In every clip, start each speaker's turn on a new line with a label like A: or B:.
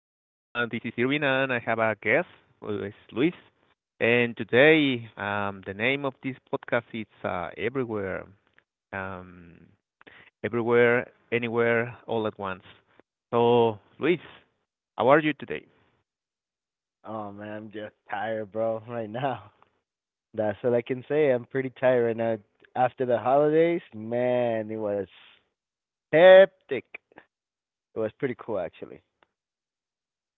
A: This is Irwin, and I have a guest, who is Luis. And today, the name of this podcast is um, Everywhere, Anywhere, All at Once. So, Luis, how are you today?
B: Oh man, I'm just tired, bro, right now. That's all I can say. I'm pretty tired right now. After the holidays, man, it was hectic. It was pretty cool actually.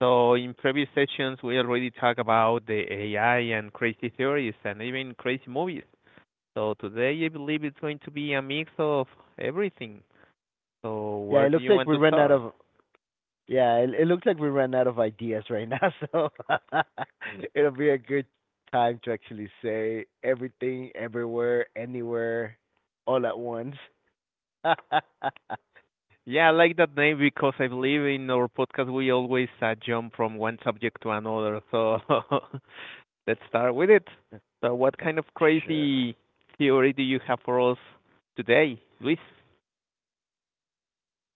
A: So, in previous sessions, we already talked about the AI and crazy theories and even crazy movies. So, today, I believe it's going to be a mix of everything. So,
B: Yeah,
A: where
B: it
A: do
B: looks
A: you
B: like
A: want
B: we
A: to
B: ran out
A: start?
B: of yeah, it looks like we ran out of ideas right now, so it'll be a good time to actually say everything, everywhere, anywhere, all at once.
A: Yeah, I like that name because I believe in our podcast we always jump from one subject to another. So let's start with it. So, what kind of
B: Sure.
A: crazy theory do you have for us today, Luis?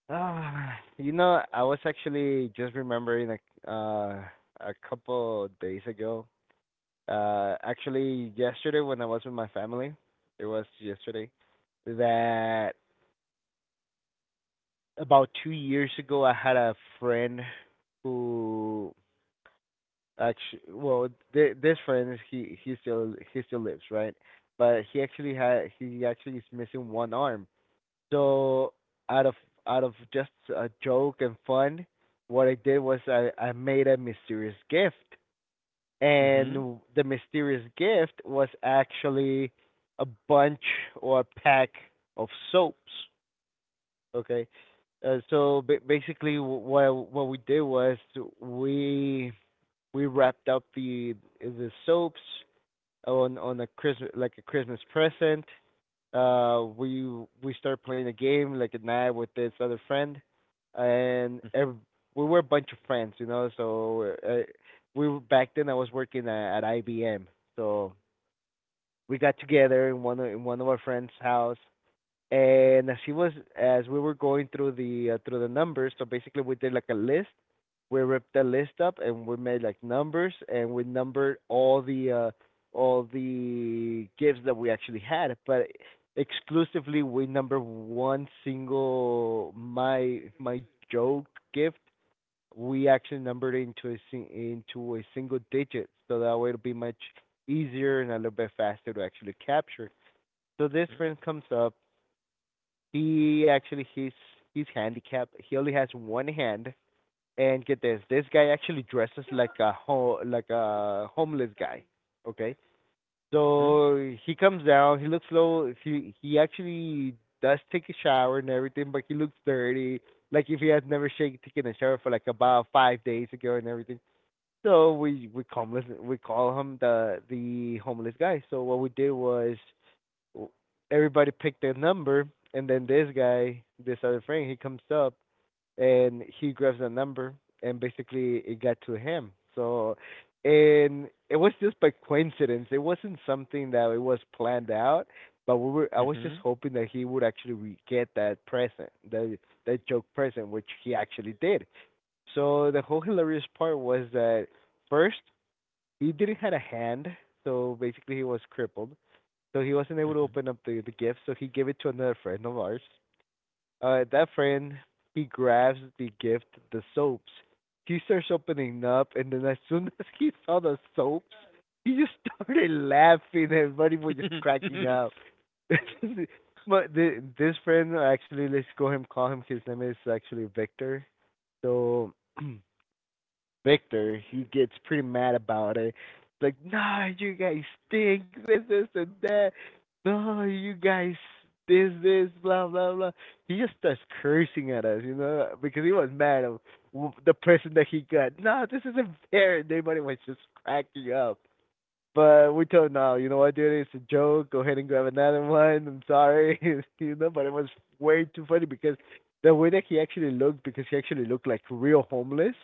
B: I was actually just remembering like uh a couple days ago. Actually yesterday when I was with my family, it was yesterday, that about 2 years ago I had a friend who actually well th this friend he still lives, right? But he actually is missing one arm. So out of out of just a joke and fun, what I did was I made a mysterious gift.
A: Mhm.
B: And the mysterious gift was actually a bunch or a pack of soaps. Okay. Basically, what we did was we we wrapped up the soaps on a Christmas like a Christmas present. Uh we we started playing a game like at night with this other friend and ev we were a bunch of friends, you know, so we were, back then I was working at IBM. So we got together in one of our friends' house and as she was as we were going through the numbers. So basically we did like a list, we ripped the list up and we made like numbers and we numbered all the gifts that we actually had, but exclusively we numbered one single, my joke gift, we actually numbered it into a sing- into a single digit so that way it'll be much easier and a little bit faster to actually capture. So this
A: Mhm.
B: friend comes up, he actually he's he's handicapped. He only has one hand. And get this, this guy actually dresses like a like a homeless guy. Okay,
A: Mhm.
B: so he comes down. He looks low. He actually does take a shower and everything, but he looks dirty, like if he had never taken a shower for like about 5 days ago and everything. So we call him the homeless guy. So what we did was everybody picked their number, and then this guy, this other friend, he comes up and he grabs the number, and basically it got to him. So, and it was just by coincidence. It wasn't something that it was planned out, but we were. I was just
A: Mhm.
B: hoping that he would actually get that present, that joke present, which he actually did. So the whole hilarious part was that, first, he didn't have a hand, so basically he was crippled. So he wasn't able to
A: Mhm.
B: open up the gift, so he gave it to another friend of ours. That friend, he grabs the gift, the soaps. He starts opening up, and then as soon as he saw the soaps, he just started laughing, and everybody was just cracking up. But this friend actually, let's go him call him. his name is actually Victor. So Victor, he gets pretty mad about it. It's like, nah, you guys stink, this, and that. No, you guys, this, blah, blah, blah. He just starts cursing at us, you know, because he was mad at the person that he got. No, this isn't fair. And everybody was just cracking up. But we told him, no, you know what, dude, it's a joke. Go ahead and grab another one. I'm sorry, But it was way too funny because the way that he actually looked, because he actually looked like real homeless.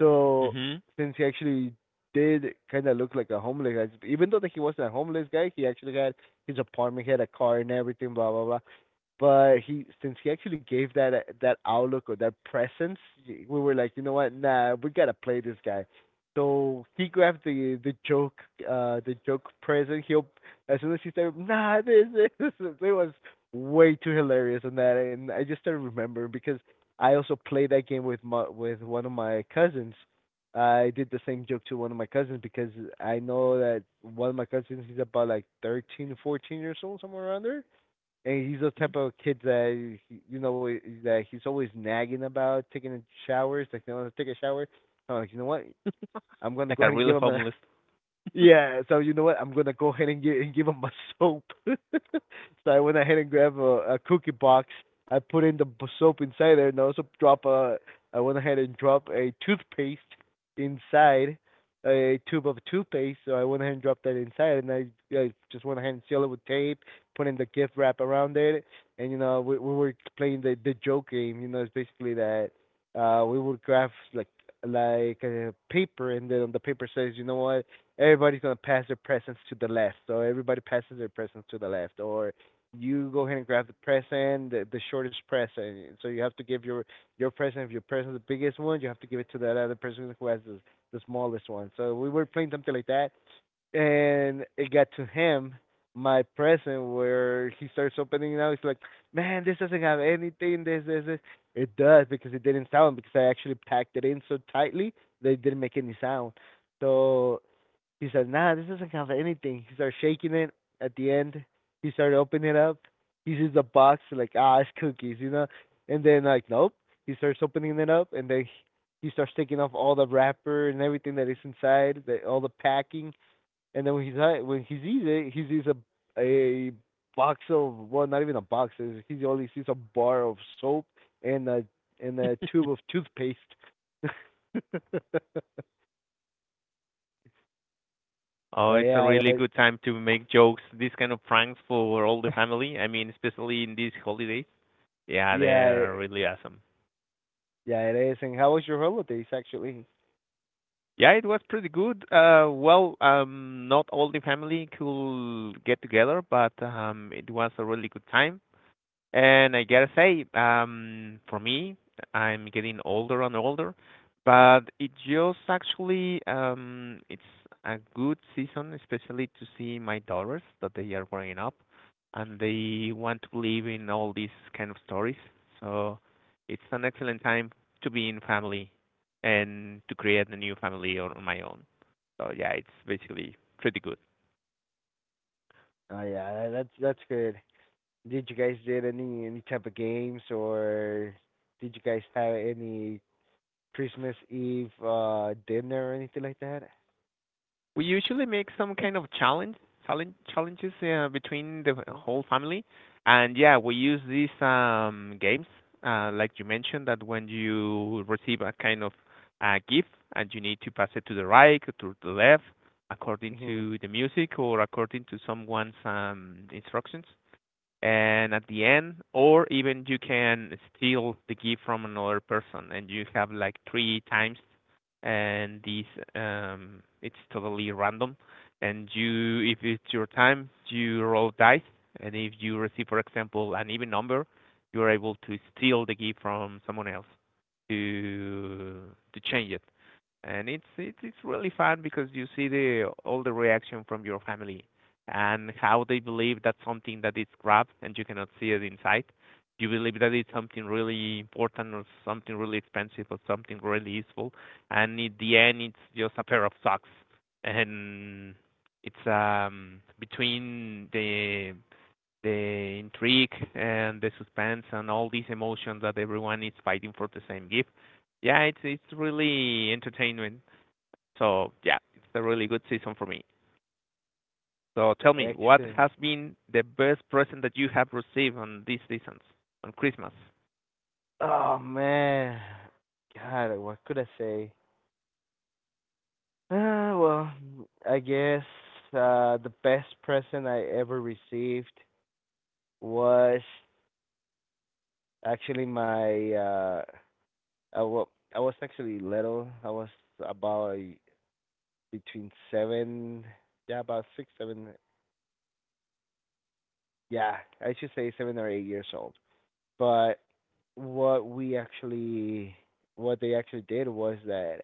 B: So
A: Mhm.
B: since he actually did kind of look like a homeless guy, even though that he wasn't a homeless guy, he actually had his apartment, he had a car and everything, blah blah blah, but he since he actually gave that outlook or that presence, we were like, you know what, nah, we gotta play this guy. So he grabbed the joke present. He'll As soon as he started, nah, this, it was way too hilarious on that, and I just started remembering because I also played that game with my with one of my cousins. I did the same joke to one of my cousins because I know that one of my cousins, he's about like 13, 14 years old, somewhere around there, and he's the
A: Mhm.
B: type of kid that, you know, that he's always nagging about taking showers. Like, they want to take a shower. I'm like, you know what? I'm gonna
A: Like
B: go
A: a
B: ahead and
A: real
B: give him a,
A: homeless.
B: yeah, so you know what? I'm gonna go ahead and give him a soap. So I went ahead and grabbed a cookie box. I put in the soap inside there, and also drop a, I went ahead and dropped a toothpaste inside, a tube of toothpaste. So I went ahead and dropped that inside, and I just went ahead and sealed it with tape, put in the gift wrap around it, and you know we were playing the joke game. You know, it's basically that we would graph like paper, and then on the paper says, you know what, everybody's gonna pass their presents to the left, so everybody passes their presents to the left, or you go ahead and grab the present, the shortest present. So you have to give your present. If your present is the biggest one, you have to give it to that other person who has the smallest one. So we were playing something like that, and it got to him, my present, where he starts opening it now. He's like, "Man, this doesn't have anything. This, this, this." It does, because it didn't sound, because I actually packed it in so tightly that it didn't make any sound. So he said, "Nah, this doesn't count for anything." He started shaking it. At the end, he started opening it up. He sees the box like, ah, it's cookies, you know. And then like, nope. He starts opening it up, and then he starts taking off all the wrapper and everything that is inside, all the packing. And then when he sees it, he sees a box of, well, not even a box, he only sees a bar of soap and a and a tube of toothpaste. But
A: Oh, it's a
B: yeah,
A: really good time to make jokes, these kind of pranks for all the family. I mean, especially in these holidays. Yeah, they
B: yeah.
A: are really awesome.
B: Yeah, it is. And how was your holidays actually?
A: Yeah, it was pretty good. Well, not all the family could get together, but it was a really good time. And I gotta say, for me, I'm getting older and older, but it just actually it's a good season, especially to see my daughters that they are growing up and they want to believe in all these kind of stories. So it's an excellent time to be in family and to create a new family on my own. So yeah, it's basically pretty good.
B: Oh yeah, that's good. Did you guys did any type of games or did you guys have any Christmas Eve dinner or anything like that?
A: We usually make some kind of challenges between the whole family, and yeah, we use these games, like you mentioned, that when you receive a kind of gift and you need to pass it to the right or to the left according
B: Hmm.
A: to the music or according to someone's instructions. And at the end, or even, you can steal the gift from another person, and you have like three times. And these, it's totally random, and you if it's your time, you roll dice, and if you receive, for example, an even number, you're able to steal the gift from someone else, to to change it. And it's really fun because you see the all the reaction from your family, and how they believe that's something that is grabbed and you cannot see it inside. You believe that it's something really important or something really expensive or something really useful, and in the end, it's just a pair of socks. And it's between the intrigue and the suspense and all these emotions that everyone is fighting for the same gift. Yeah, it's really entertainment. So yeah, it's a really good season for me. So tell me, what
B: Excellent.
A: has been the best present that you have received on these seasons, on Christmas?
B: Oh man, God, what could I say? Well, I guess the best present I ever received was actually my I well, I was actually little. I was about a- between seven, yeah, about six, seven, yeah, I should say 7 or 8 years old. But what we actually, what they actually did was that,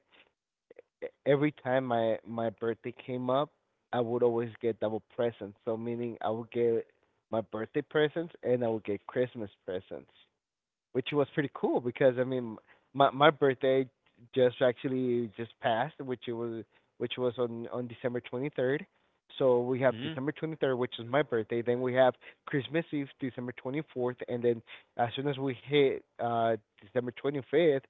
B: every time my birthday came up, I would always get double presents. So meaning I would get my birthday presents and I would get Christmas presents. Which was pretty cool because, I mean, my birthday just actually just passed, which was on December 23rd. So we have
A: Hmm.
B: December 23rd, which is my birthday. Then we have Christmas Eve, December 24th, and then as soon as we hit December 25th,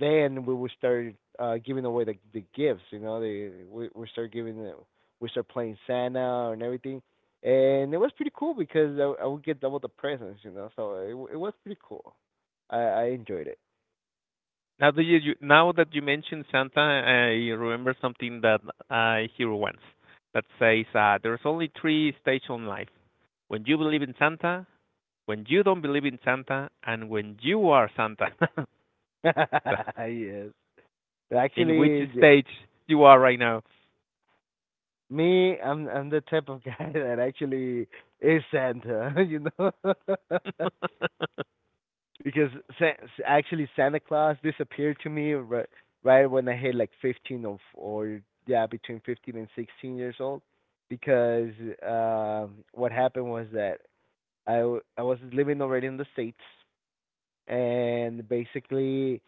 B: then we will start giving away the gifts. You know, they we start giving the, we start playing Santa and everything, and it was pretty cool because I would get double the presents, you know. So it was pretty cool. I enjoyed it.
A: Now that you mentioned Santa, I remember something that I hear once that says, there's only three stages in life: when you believe in Santa, when you don't believe in Santa, and when you are Santa.
B: Yes,
A: In which
B: actually, j-
A: stage you are right now?
B: me I'm the type of guy that actually is Santa, you know, because actually Santa Claus disappeared to me right when I hit like 15 or yeah, between 15 and 16 years old, because, um, what happened was that I was living already in the states, and basically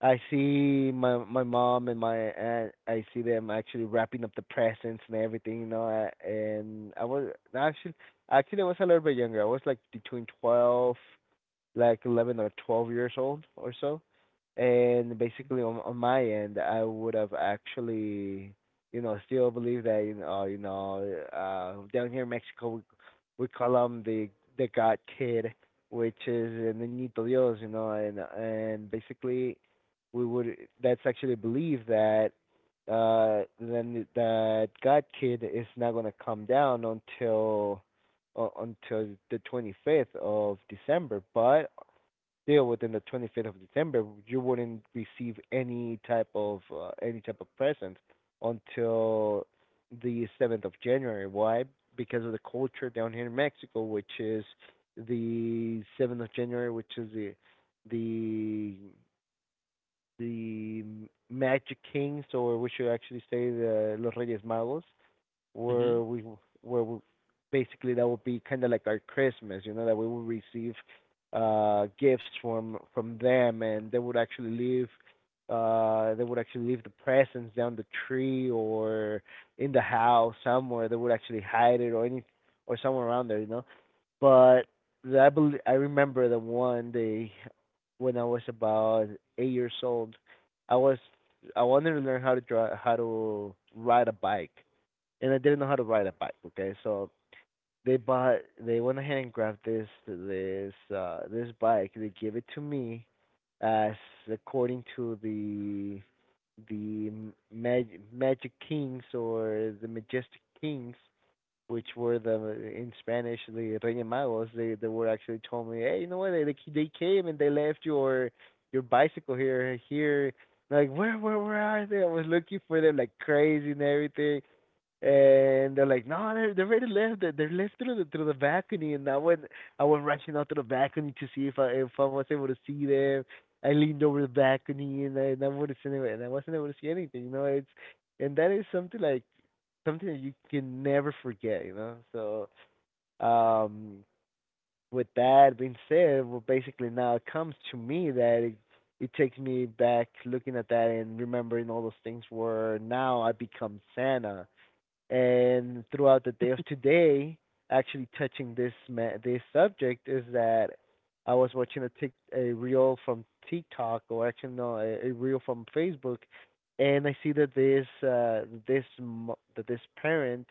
B: I see my mom and my aunt. I see them actually wrapping up the presents and everything, you know. And I was actually actually, I was a little bit younger. I was like between 12, like 11 or 12 years old or so. And basically, on my end, I would have still believe that, down here in Mexico, we call him the God Kid, which is el niñito Dios, you know, and basically, we would that's actually believe that then that God Kid is not gonna come down until the 25th of December. But still within the 25th of December, you wouldn't receive any type of present until the 7th of January. Why? Because of the culture down here in Mexico, which is the 7th of January, which is the the Magic Kings, or we should actually say the Los Reyes Magos
A: Hmm.
B: where we where we basically that would be kind of like our Christmas, you know, that we would receive gifts from them, and they would actually leave the presents down the tree or in the house somewhere. They would actually hide it or any or somewhere around there, you know. But I believe I remember the one day when I was about 8 years old. I was I wanted to learn how to drive how to ride a bike and I didn't know how to ride a bike. Okay, so they went ahead and grabbed this bike. They gave it to me as according to the Magic Kings or the Majestic Kings, which were the in Spanish the Reyes Magos. They were actually told me, hey, you know what? They came and they left your bicycle here. Like where are they? I was looking for them like crazy and everything, and they're like, no, they're ready left. They're left through the balcony, and I went rushing out to the balcony to see if I was able to see them. I leaned over the balcony, and I wasn't able to see anything. You know, it's and that is something like something that you can never forget. You know, so with that being said, well, basically now it comes to me that it takes me back looking at that and remembering all those things where now I become Santa, and throughout the day of today, actually touching this subject is that I was watching a tic- a reel from TikTok or actually no a, a reel from Facebook, and I see that this parent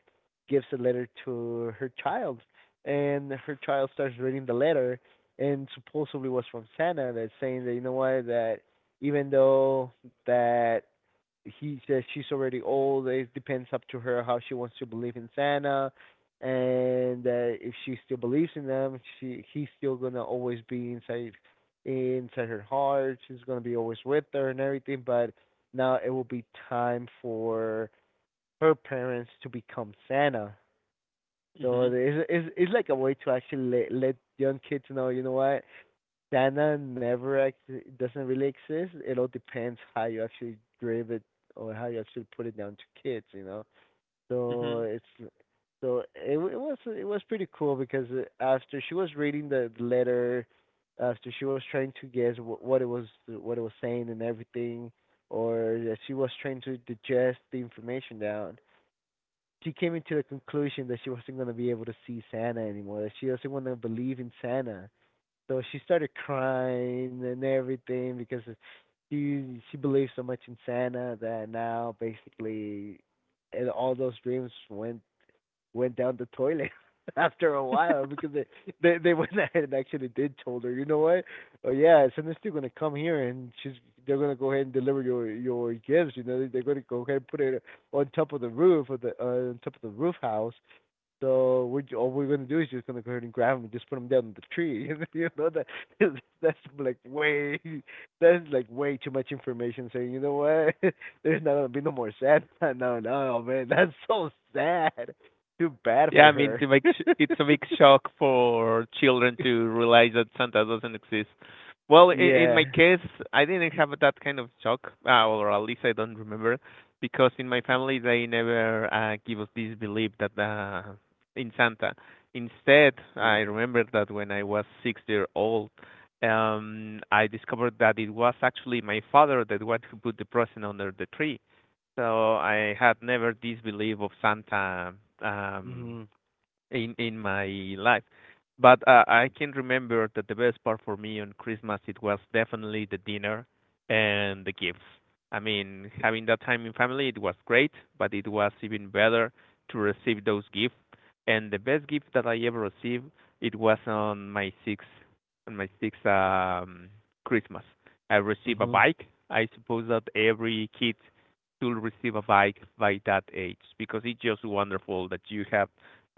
B: gives a letter to her child, and her child starts reading the letter, and supposedly was from Santa that's saying that, you know what, that even though that he says she's already old, it depends up to her how she wants to believe in Santa. And if she still believes in them, she he's still gonna always be inside her heart. She's gonna be always with her and everything. But now it will be time for her parents to become Santa. So
A: Hmm.
B: it's like a way to actually let young kids know, you know what, Standard never ex- doesn't really exist. It all depends how you actually drive it or how you actually put it down to kids, you know. So
A: Hmm.
B: it's it was pretty cool because after she was reading the letter, after she was trying to what it was saying and everything, or that she was trying to digest the information down. She came into the conclusion that she wasn't going to be able to see Santa anymore, that she doesn't want to believe in Santa, so she started crying and everything because she believes so much in Santa that now basically and all those dreams went down the toilet after a while because they went ahead and actually did told her, you know what? Oh yeah, Santa's still gonna come here, and she's they're gonna go ahead and deliver your gifts. You know, they're gonna go ahead and put it on top of the roof of the on top of the roof house, so all we're gonna do is just gonna go ahead and grab them, and just put them down the tree. You know that that's like way that's like way too much information. Saying, you know what, there's not gonna be no more sad. No, no, oh, man, that's so sad. Too bad
A: Yeah,
B: for
A: I mean, it's
B: her.
A: a big, sh- it's a big shock for children to realize that Santa doesn't exist. Well, in my
B: Yeah.
A: case, I didn't have that kind of shock, or at least I don't remember, because in my family they never give us this belief that, in Santa. Instead, I
B: Mhm.
A: remember that when I was 6-year old, I discovered that it was actually my father, that one who put the present under the tree. So I had never this belief of Santa, um, in my life. But I can remember that the best part for me on Christmas, it was definitely the dinner and the gifts. I mean, having that time in family, it was great, but it was even better to receive those gifts. And the best gift that I ever received, it was on my sixth Christmas. I received a
B: Mhm.
A: bike. I suppose that every kid should receive a bike by that age, because it's just wonderful that you have,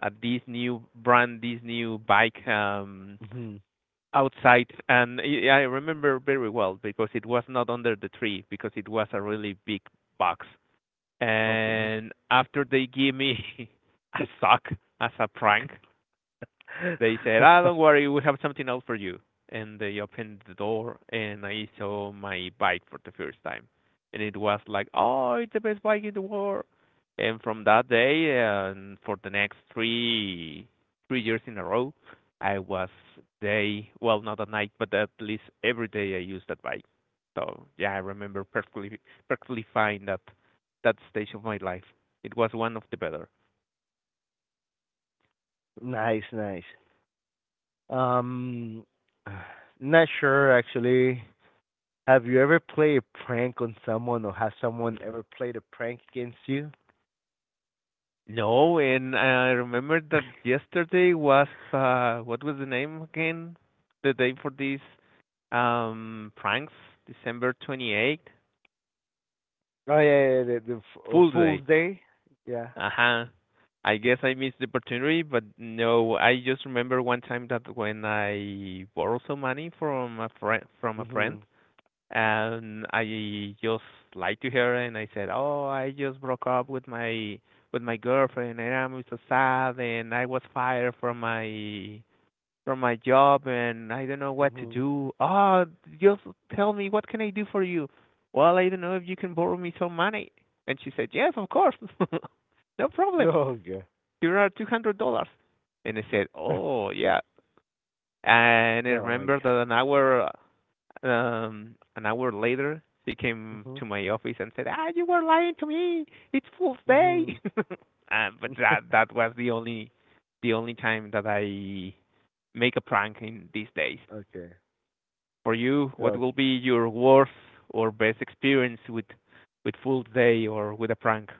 A: this new brand, this new bike,
B: Mhm.
A: outside. And I remember very well because it was not under the tree, because it was a really big box.
B: Okay.
A: And after they gave me a sock as a prank, they said, "Ah, don't worry, we have something else for you." And they opened the door, and I saw my bike for the first time, and it was like, "Oh, it's the best bike in the world." And from that day, and for the next three three years in a row, I was day, well, not at night, but at least every day I used that bike. So yeah, I remember perfectly fine that stage of my life. It was one of the better.
B: Nice, nice. Um, not sure actually. Have you ever played a prank on someone, or has someone ever played a prank against you?
A: No, and I remember that yesterday was, what was the name again? The day for these pranks, December 28th,
B: Oh yeah, yeah,
A: Fool's Day.
B: Fool's Day. Yeah.
A: Uh-huh. I guess I missed the opportunity, but no, I just remember one time that when I borrowed some money from a friend,
B: Mhm.
A: and I just lied to her, and I said, "Oh, I just broke up with my girlfriend, and I'm so sad, and I was fired from my job, and I don't know what to
B: Mhm.
A: do. Oh, just tell me, what can I do for you? Well, I don't know if you can borrow me some money." And she said, "Yes, of course. No problem.
B: Oh yeah.
A: Here are $200." And I said, "Oh, yeah." And I
B: No, my
A: remember that an hour later, she came
B: God.
A: to my office and said, "Ah, you were lying to me. It's Fool's Day."
B: Mhm.
A: But
B: Mhm.
A: that that was the only time that I make a prank in these days.
B: Okay.
A: For you, what will
B: Okay.
A: be your worst or best experience with Fool's Day or with a prank?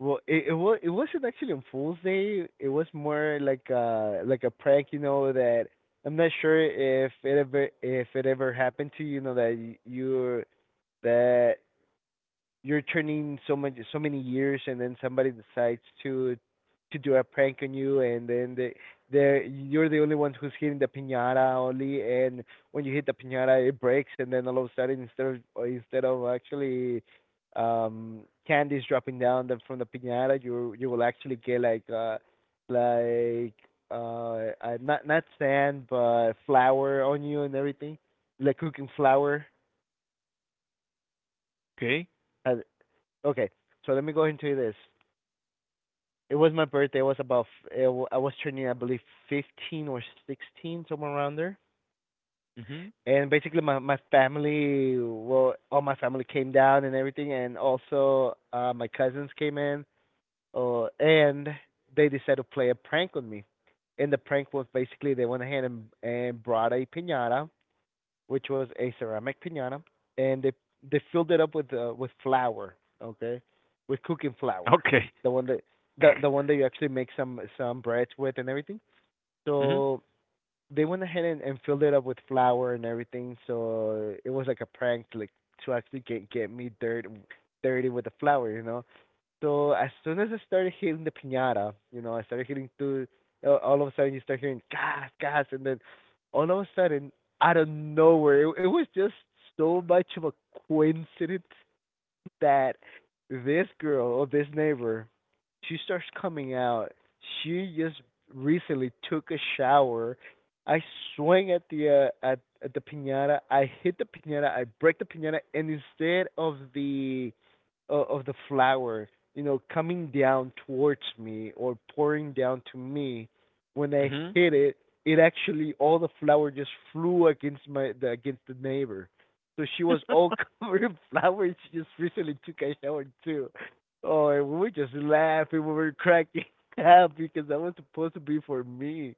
B: Well, it wasn't actually on Fool's Day. It was more like a prank, you know. That I'm not sure if it ever happened to you, you know, that that you're turning so much so many years and then somebody decides to do a prank on you, and then they you're the only one who's hitting the piñata only, and when you hit the piñata it breaks, and then all of a sudden, instead of actually um candies dropping down the, from the piñata, you will actually get like like not not sand but flour on you and everything, like cooking flour.
A: Okay.
B: Uh, okay, so let me go into this. It was my birthday. It was about I was turning, I believe, 15 or 16, somewhere around there.
A: Mhm.
B: And basically, my family, well, all my family came down and everything, and also my cousins came in. And they decided to play a prank on me. And the prank was basically they went ahead and brought a piñata, which was a ceramic piñata, and they filled it up with flour, okay, with cooking flour,
A: Okay.
B: the one that the one that you actually make some breads with and everything.
A: Mhm.
B: So they went ahead and filled it up with flour and everything. So it was like a prank, like to actually get me dirty with the flour, you know. So as soon as I started hitting the pinata, you know, I started hitting two. All of a sudden, you start hearing gas, gas, and then all of a sudden, out of nowhere, it was just so much of a coincidence that this girl or this neighbor, she starts coming out. She just recently took a shower. I swing at at the piñata. I hit the piñata. I break the piñata, and instead of the flower, you know, coming down towards me or pouring down to me, when I
A: Mhm.
B: hit it, it actually all the flower just flew against against the neighbor. So she was all covered in flowers. She just recently took a shower too. Oh, and we were just laughing. We were cracking up because that was supposed to be for me.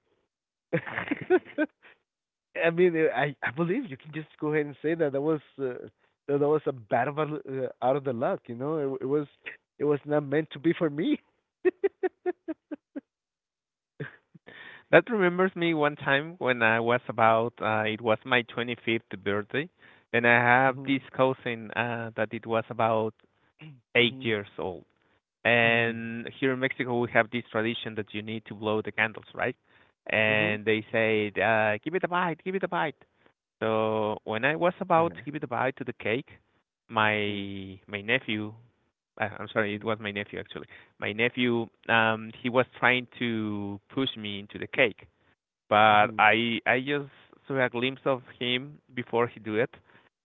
B: I mean, I believe you can just go ahead and say that that was that was a bad of a, out of the luck. You know, it was not meant to be for me.
A: That remembers me one time when I was about, it was my 25th birthday, and I have
B: Mhm.
A: this cousin, that it was about eight
B: Mhm.
A: years old.
B: Mhm.
A: And here in Mexico, we have this tradition that you need to blow the candles, right?
B: Mhm.
A: And they say, "Give it a bite, give it a bite." So when I was about to
B: Okay.
A: give it a bite to the cake,
B: Mhm.
A: my nephew, I'm sorry, it
B: Mhm.
A: was my nephew actually. My nephew, he was trying to push me into the cake, but
B: Mhm.
A: I just saw a glimpse of him before he do it,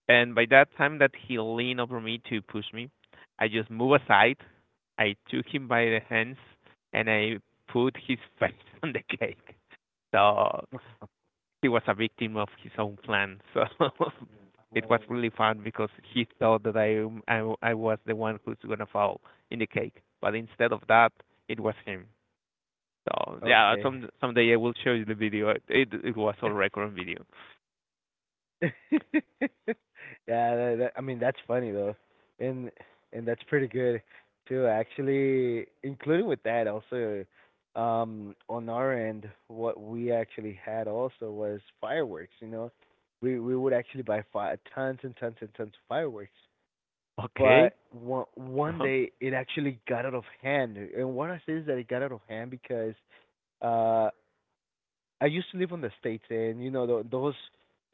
A: and by that time that he leaned over me to push me, I just moved aside. I took him by the hands, and I put his face on the cake. So he was a victim of his own plan. So it was really fun because he thought that I was the one who's gonna fall in the cake, but instead of that, it was him. So yeah,
B: Okay.
A: someday I will show you the video. It was all record on video.
B: Yeah, I mean that's funny though, and that's pretty good too. Actually, including with that also, on our end, what we actually had also was fireworks. You know, we would actually buy tons and tons and tons of fireworks.
A: Okay.
B: But one
A: Uh
B: one
A: huh.
B: day it actually got out of hand, and what I say is that it got out of hand because uh I used to live on the states, and you know tho- those.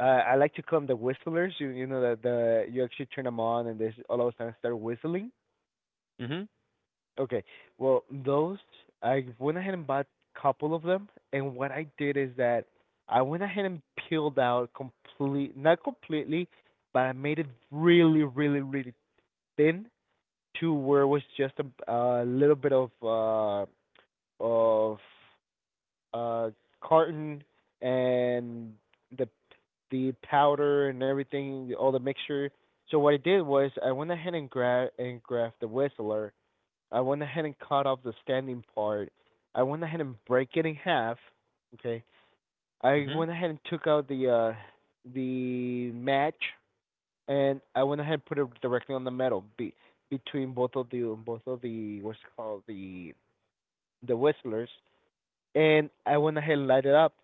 B: I like to call them the whistlers. You know that the you actually turn them on and they all of a sudden start whistling.
A: Mhm.
B: Okay, well those I went ahead and bought a couple of them, and what I did is that I went ahead and peeled out complete, not completely, but I made it really, really, really thin to where it was just a little bit of of uh carton and the the powder and everything, all the mixture. So what I did was I went ahead and graphed the whistler. I went ahead and cut off the standing part. I went ahead and break it in half. Okay. I
A: Mhm.
B: went ahead and took out the match, and I went ahead and put it directly on the metal between both of the what's it called, the whistlers, and I went ahead and light it up.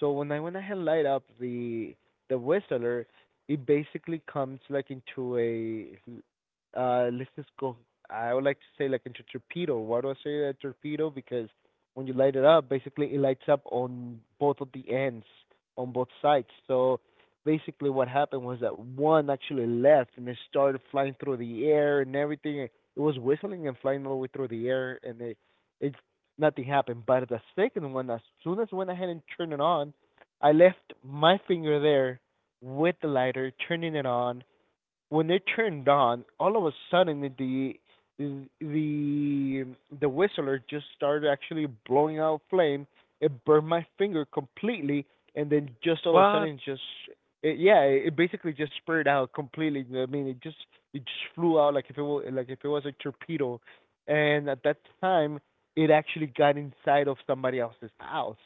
B: So when I went ahead and light up the whistler, it basically comes like into a let's just go, I would like to say, like into torpedo. Why do I say that torpedo? Because when you light it up, basically it lights up on both of the ends, on both sides. So basically what happened was that one actually left and it started flying through the air and everything. It was whistling and flying all the way through the air, and it nothing happened. But the second one, as soon as I went ahead and turned it on, I left my finger there with the lighter, turning it on. When it turned on, all of a sudden the the whistler just started actually blowing out flame. It burned my finger completely, and then just all of a
A: Well,
B: sudden, just yeah, it basically just spurred out completely. I mean, it just flew out like if it was, a torpedo, and at that time, it actually got inside of somebody else's house.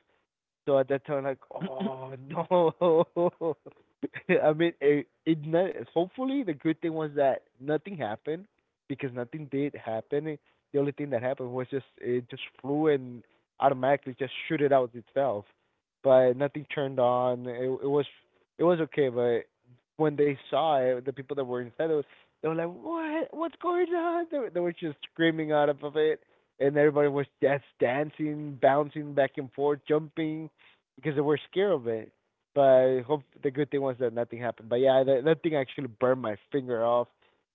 B: So at that time, like, oh no. I mean, it not, hopefully the good thing was that nothing happened, because nothing did happen. The only thing that happened was just it just flew and automatically just shoot it out itself. But nothing turned on. It was okay, but when they saw it, the people that were inside, it was they were like, "What? What's going on?" They were just screaming out of it, and everybody was just dancing, bouncing back and forth, jumping, because they were scared of it. But I hope the good thing was that nothing happened. But yeah, that thing actually burned my finger off.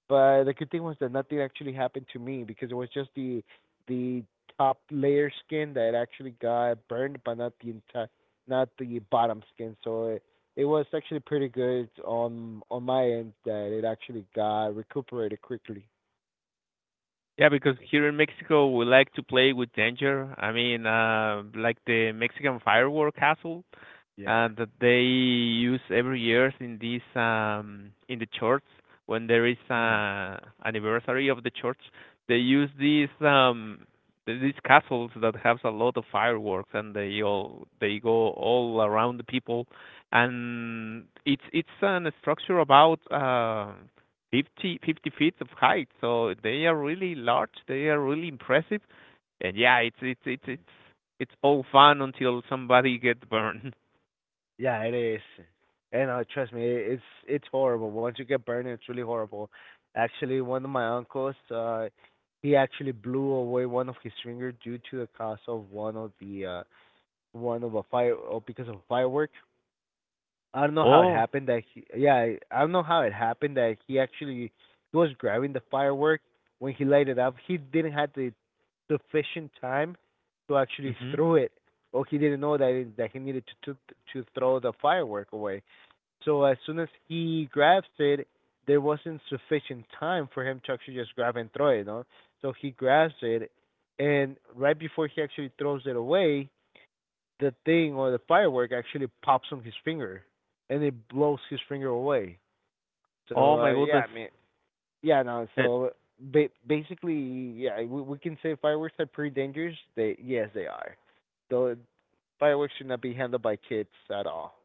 B: But the good thing was that nothing actually happened to me, because it was just the top layer skin that actually got burned, but not the entire, not the bottom skin. So it was actually pretty good on my end that it actually got recuperated quickly.
A: yeah, because here in Mexico we like to play with danger. I mean, like the Mexican firework castle, that they use every year in this, in the church when there is a anniversary of the church. They use these castles that has a lot of fireworks, and they go all around the people, and it's an structure about, 50 50 feet of height, so they are really large. They are really impressive, and yeah, it's all fun until somebody gets burned.
B: Yeah, it is. And trust me, it's horrible. Once you get burned, it's really horrible. Actually, one of my uncles, he actually blew away one of his finger due to the cause of one of the one of a fire, or because of a firework. I don't know how it
A: Oh,
B: happened that yeah, I don't know how it happened that he actually he was grabbing the firework. When he lighted up, he didn't have the sufficient time to actually
A: mhm.
B: throw it, or he didn't know that it, that he needed to throw the firework away. So as soon as he grabs it, there wasn't sufficient time for him to actually just grab and throw it, you know? So he grabs it, and right before he actually throws it away, the thing or the firework actually pops on his finger, and it blows his finger away. So
A: Oh my
B: yeah, I
A: goodness.
B: mean, yeah, no.
A: That,
B: So basically, yeah, we can say fireworks are pretty dangerous. They yes, they are. Though fireworks should not be handled by kids at all.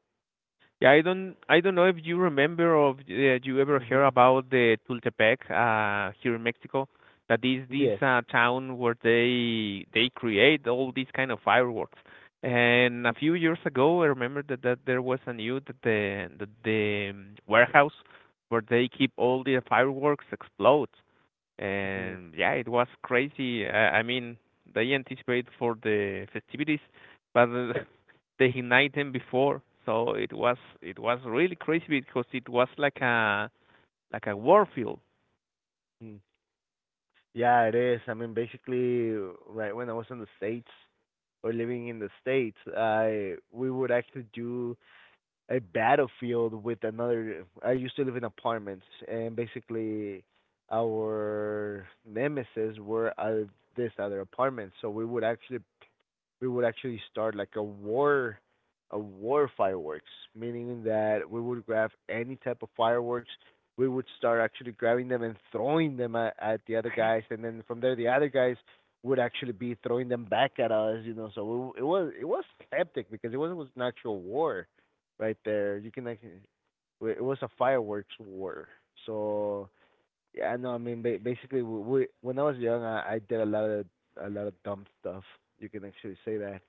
A: yeah, I don't, know if you remember, or if you ever heard
B: Mhm.
A: about the Tultepec, here in Mexico. That is this,
B: Yes.
A: town where they create all these kind of fireworks. And a few years ago, I remember that there was a news that the warehouse where they keep all the fireworks explodes.
B: Mhm.
A: And yeah, it was crazy. I mean, they anticipate for the festivities, but they ignite them before, so it was really crazy because it was like a war field.
B: Yeah, it is. I mean, basically, right when I was in the States, or living in the States, I we would actually do a battlefield with another. I used to live in apartments, and basically, our nemesis were this other apartment. So we would actually start like a war fireworks, meaning that we would grab any type of fireworks. We would start actually grabbing them and throwing them at the other guys, and then from there the other guys would actually be throwing them back at us, you know. So it was hectic, because it wasn't was an actual war right there. You can like it was a fireworks war. So yeah, no, I mean basically we when I was young, I did a lot of dumb stuff. You can actually say that.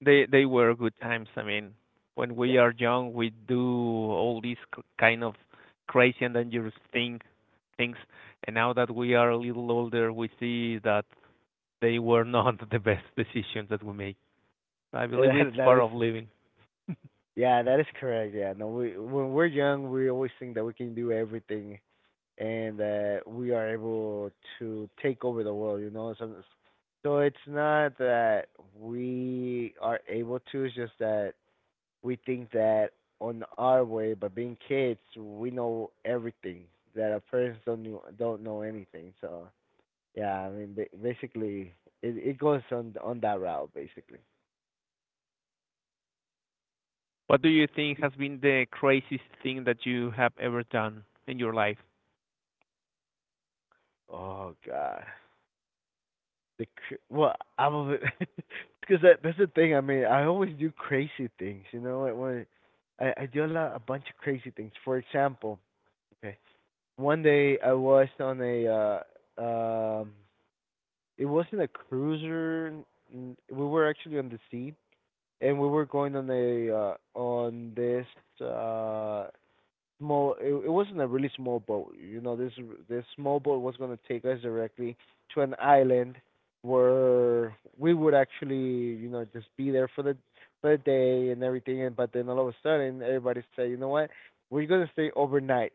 A: They were good times. I mean, when we
B: Yeah.
A: are young, we do all these kind of crazy and dangerous things, and now that we are a little older, we see that they were not the best decisions that we make. I believe
B: That
A: it's
B: that
A: part
B: is
A: of living.
B: Yeah, that is correct. Yeah. No, we when we're young, we always think that we can do everything and that we are able to take over the world, you know. So it's not that we are able to, it's just that we think that on our way, but being kids, we know everything that a person don't know anything. So yeah, I mean basically it goes on that route basically.
A: What do you think has been the craziest thing that you have ever done in your life?
B: Oh god. Well, I'm a bit because that's the thing. I mean, I always do crazy things. You know, like when I do a bunch of crazy things. For example, okay, one day I was on a um it wasn't a cruiser. We were actually on the sea, and we were going on this uh small, it wasn't a really small boat, you know, this small boat was going to take us directly to an island where we would actually, you know, just be there for the day and everything. And but then all of a sudden everybody said, you know what, we're going to stay overnight.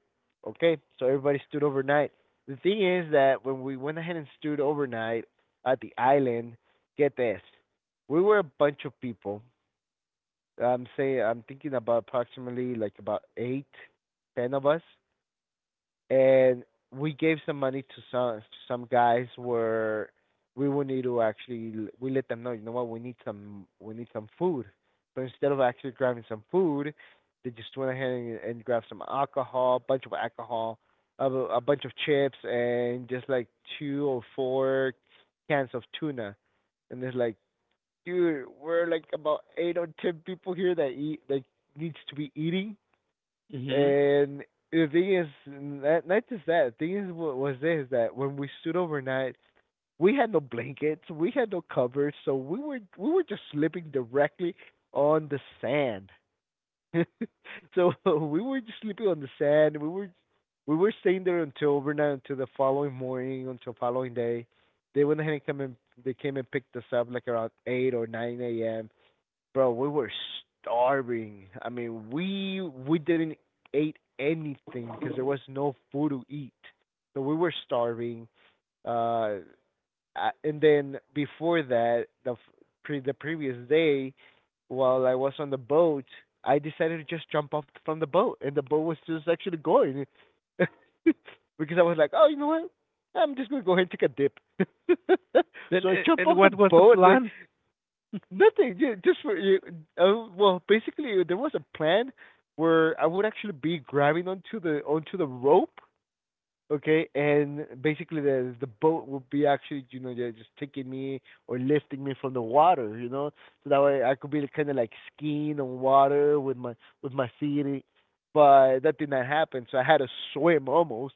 B: Okay, so everybody stood overnight. The thing is that when we went ahead and stood overnight at the island, get this, we were a bunch of people. I'm saying, I'm thinking about approximately like about eight, ten of us, and we gave some money to some guys, where we would need to actually, we let them know, you know what, we need some food. So instead of actually grabbing some food, they just went ahead and grabbed some alcohol, a bunch of alcohol, a bunch of chips, and just like two or four cans of tuna. And it's like, dude, we're like about eight or ten people here that eat, that needs to be eating,
A: Mhm.
B: and the thing is, not just that. The thing is, what was this, that when we stood overnight, we had no blankets, we had no covers, so we were just sleeping directly on the sand. So we were just sleeping on the sand. We were staying there until overnight, until the following morning, until following day. They went ahead and come and they came and picked us up like around 8 or 9 a.m. Bro, we were starving. I mean, we didn't ate anything, because there was no food to eat. So we were starving. Uh, I- and then before that, the previous day, while I was on the boat, I decided to just jump off from the boat, and the boat was just actually going. Because I was like, oh, you know what? I'm just gonna go ahead and take a dip. So
A: Then
B: I jump
A: and
B: off the
A: what was the
B: boat, and
A: plan?
B: nothing. Just for you. Well, basically, there was a plan where I would actually be grabbing onto the rope, okay, and basically the boat would be actually, you know, yeah, just taking me or lifting me from the water, you know, so that way I could be kind of like skiing on water with my feet. But that did not happen, so I had to swim almost,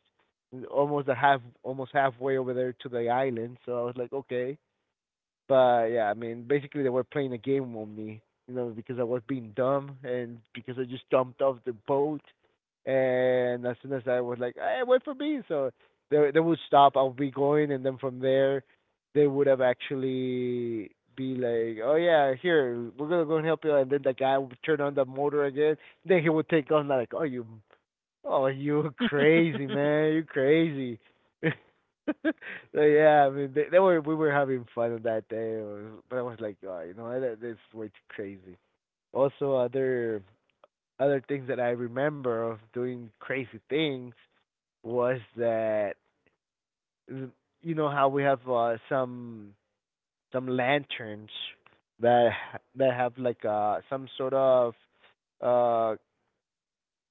B: almost a half, almost halfway over there to the island. So I was like, okay, but yeah, I mean, basically they were playing a game on me, you know, because I was being dumb and because I just jumped off the boat. And as soon as I was like, "Hey, wait for me," so they would stop. I would be going, and then from there, they would have actually be like, "Oh yeah, here we're gonna go and help you," and then the guy would turn on the motor again. Then he would take off, and I'm like, Oh, you crazy man, you crazy." So yeah, I mean, they were we were having fun on that day, it was, but I was like, oh, you know, that's way too crazy. Also, other things that I remember of doing crazy things was that, you know how we have some lanterns that have like some sort of uh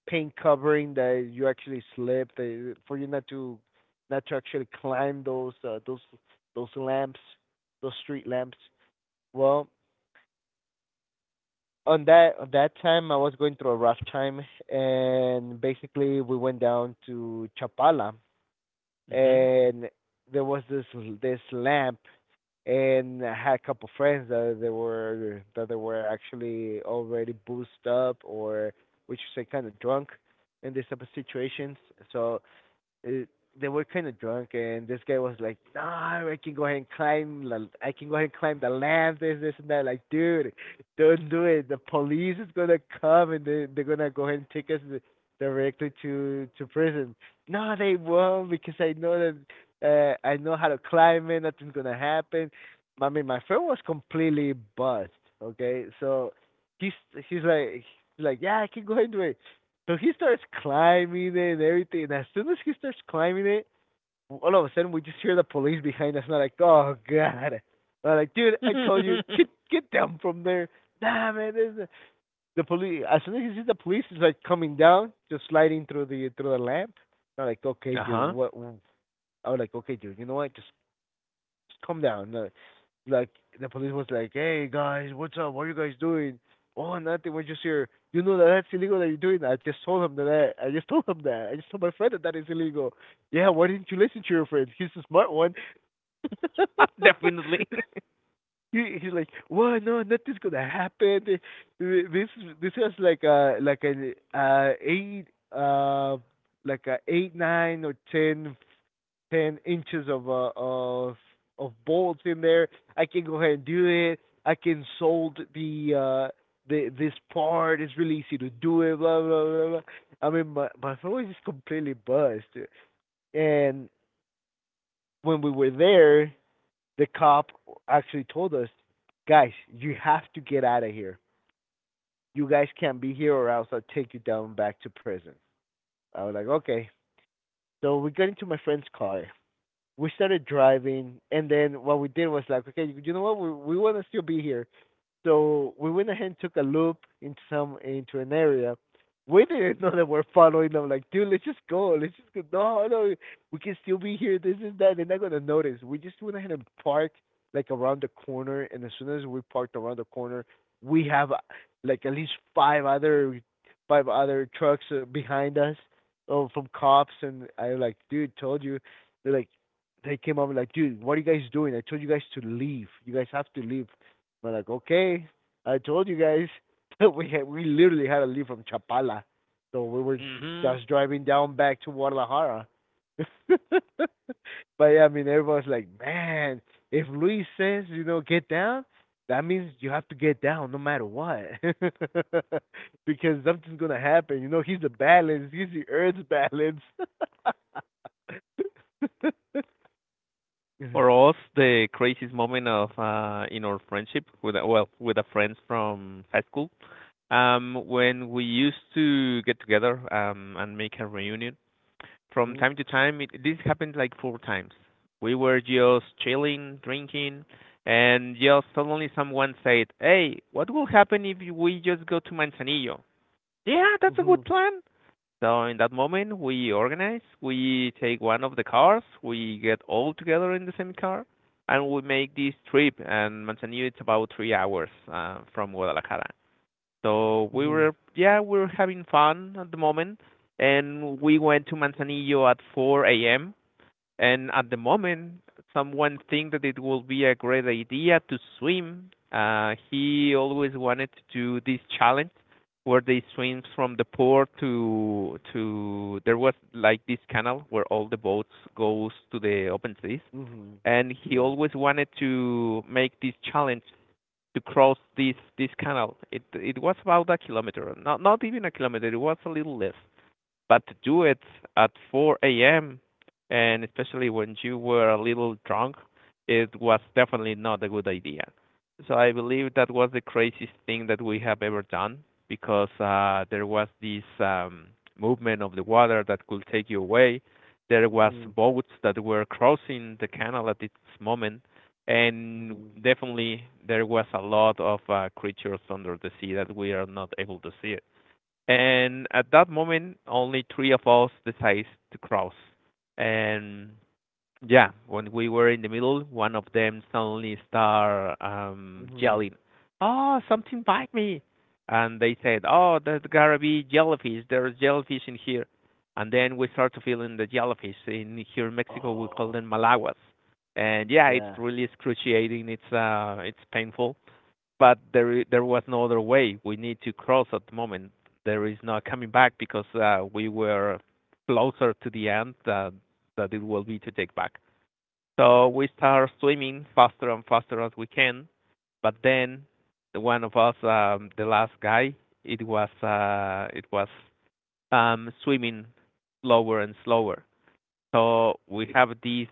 B: paint covering, that you actually slip, for you not to actually climb those those lamps, those street lamps. Well, on that time I was going through a rough time, and basically we went down to Chapala,
A: Mhm.
B: and there was this lamp, and I had a couple friends that they were actually already boozed up, or we should say kind of drunk, in these type of situations. So it, they were kind of drunk, and this guy was like, "No, I can go ahead and climb. I can go ahead and climb the lamp. This, and that." Like, dude, don't do it. The police is gonna come, and they're gonna go ahead and take us directly to prison. No, they won't, because I know that I know how to climb it. Nothing's gonna happen. I mean, my friend was completely buzzed. Okay, so he's he's like he's like, yeah, I can go ahead and do it. So he starts climbing it and everything. And as soon as he starts climbing it, all of a sudden we just hear the police behind us. And I'm like, oh god. I'm like, dude, I told you, get get down from there. Damn it! Is the police? As soon as he sees the police, is like coming down, just sliding through the lamp. And I'm like, okay,
A: Uh
B: dude,
A: huh.
B: what? I was like, okay, dude, you know what? Just calm down. Like, the police was like, "Hey guys, what's up? What are you guys doing?" Oh, nothing. We're just here. You know that that's illegal that you're doing that. I just told him that. I just told him that. I just told my friend that that is illegal. Yeah, why didn't you listen to your friend? He's a smart one.
A: Definitely.
B: He's like, well, no, nothing's gonna happen. This this was like a like an eight uh like a eight nine or ten ten inches of bolts in there. I can go ahead and do it. I can sold the this part. It's really easy to do it. Blah blah blah. Blah. I mean, my phone was just completely buzzed. And when we were there, the cop actually told us, guys, you have to get out of here. You guys can't be here, or else I'll take you down back to prison. I was like, okay. So we got into my friend's car, we started driving, and then what we did was like, okay, you know what? We want to still be here, so we went ahead and took a loop into an area. We didn't know that we're following them. Like, dude, let's just go. Let's just go. No, no, we can still be here. This is that. They're not gonna notice. We just went ahead and parked like around the corner, and as soon as we parked around the corner, we have like at least five other trucks behind us, oh, from cops. And I like, dude, told you. They're like, they came up and like, dude, what are you guys doing? I told you guys to leave. You guys have to leave. We're like, okay, I told you guys we literally had to leave from Chapala, so we were
A: Mhm.
B: just driving down back to Guadalajara. but yeah, I mean, everyone's like, man, if Luis says get down, that means you have to get down no matter what, because something's gonna happen. You know, he's the Earth's balance.
A: For us, the craziest moment of in our friendship with with a friends from high school, when we used to get together and make a reunion from
B: Mhm.
A: time to time this happened like four times. We were just chilling, drinking, and just suddenly someone said, "Hey, what will happen if we just go to Manzanillo?" Yeah, that's a good
B: Mhm.
A: plan. So in that moment, we organize, we take one of the cars, we get all together in the same car, and we make this trip. And Manzanillo, it's about 3 hours from Guadalajara. So we
B: Mhm.
A: were, yeah, we were having fun at the moment, and we went to Manzanillo at 4 a.m. And at the moment, someone think that it will be a great idea to swim. He always wanted to do this challenge where they swim from the port to there was like this canal where all the boats goes to the open seas,
B: Mhm.
A: and he
B: Yeah.
A: always wanted to make this challenge to cross this canal. It was about a kilometer, not even a kilometer. It was a little less. But to do it at 4 a.m., and especially when you were a little drunk, it was definitely not a good idea. So I believe that was the craziest thing that we have ever done because there was this movement of the water that could take you away. There was
B: Mhm.
A: boats that were crossing the canal at this moment, and
B: Mhm.
A: definitely there was a lot of creatures under the sea that we are not able to see. And at that moment, only three of us decided to cross. And yeah, when we were in the middle, one of them suddenly started
B: Mhm.
A: yelling, "Oh, something bite me!" And they said, "Oh, there's gotta be jellyfish. There's jellyfish in here." And then we started feeling the jellyfish. In here in Mexico, we call
B: Oh.
A: them malaguas. And yeah, it's
B: Yeah.
A: really excruciating. It's painful, but there was no other way. We need to cross at the moment. There is no coming back because we were closer to the end that it will be to take back. So we start swimming faster and faster as we can, but then the one of us, the last guy, it was swimming slower and slower. So we have this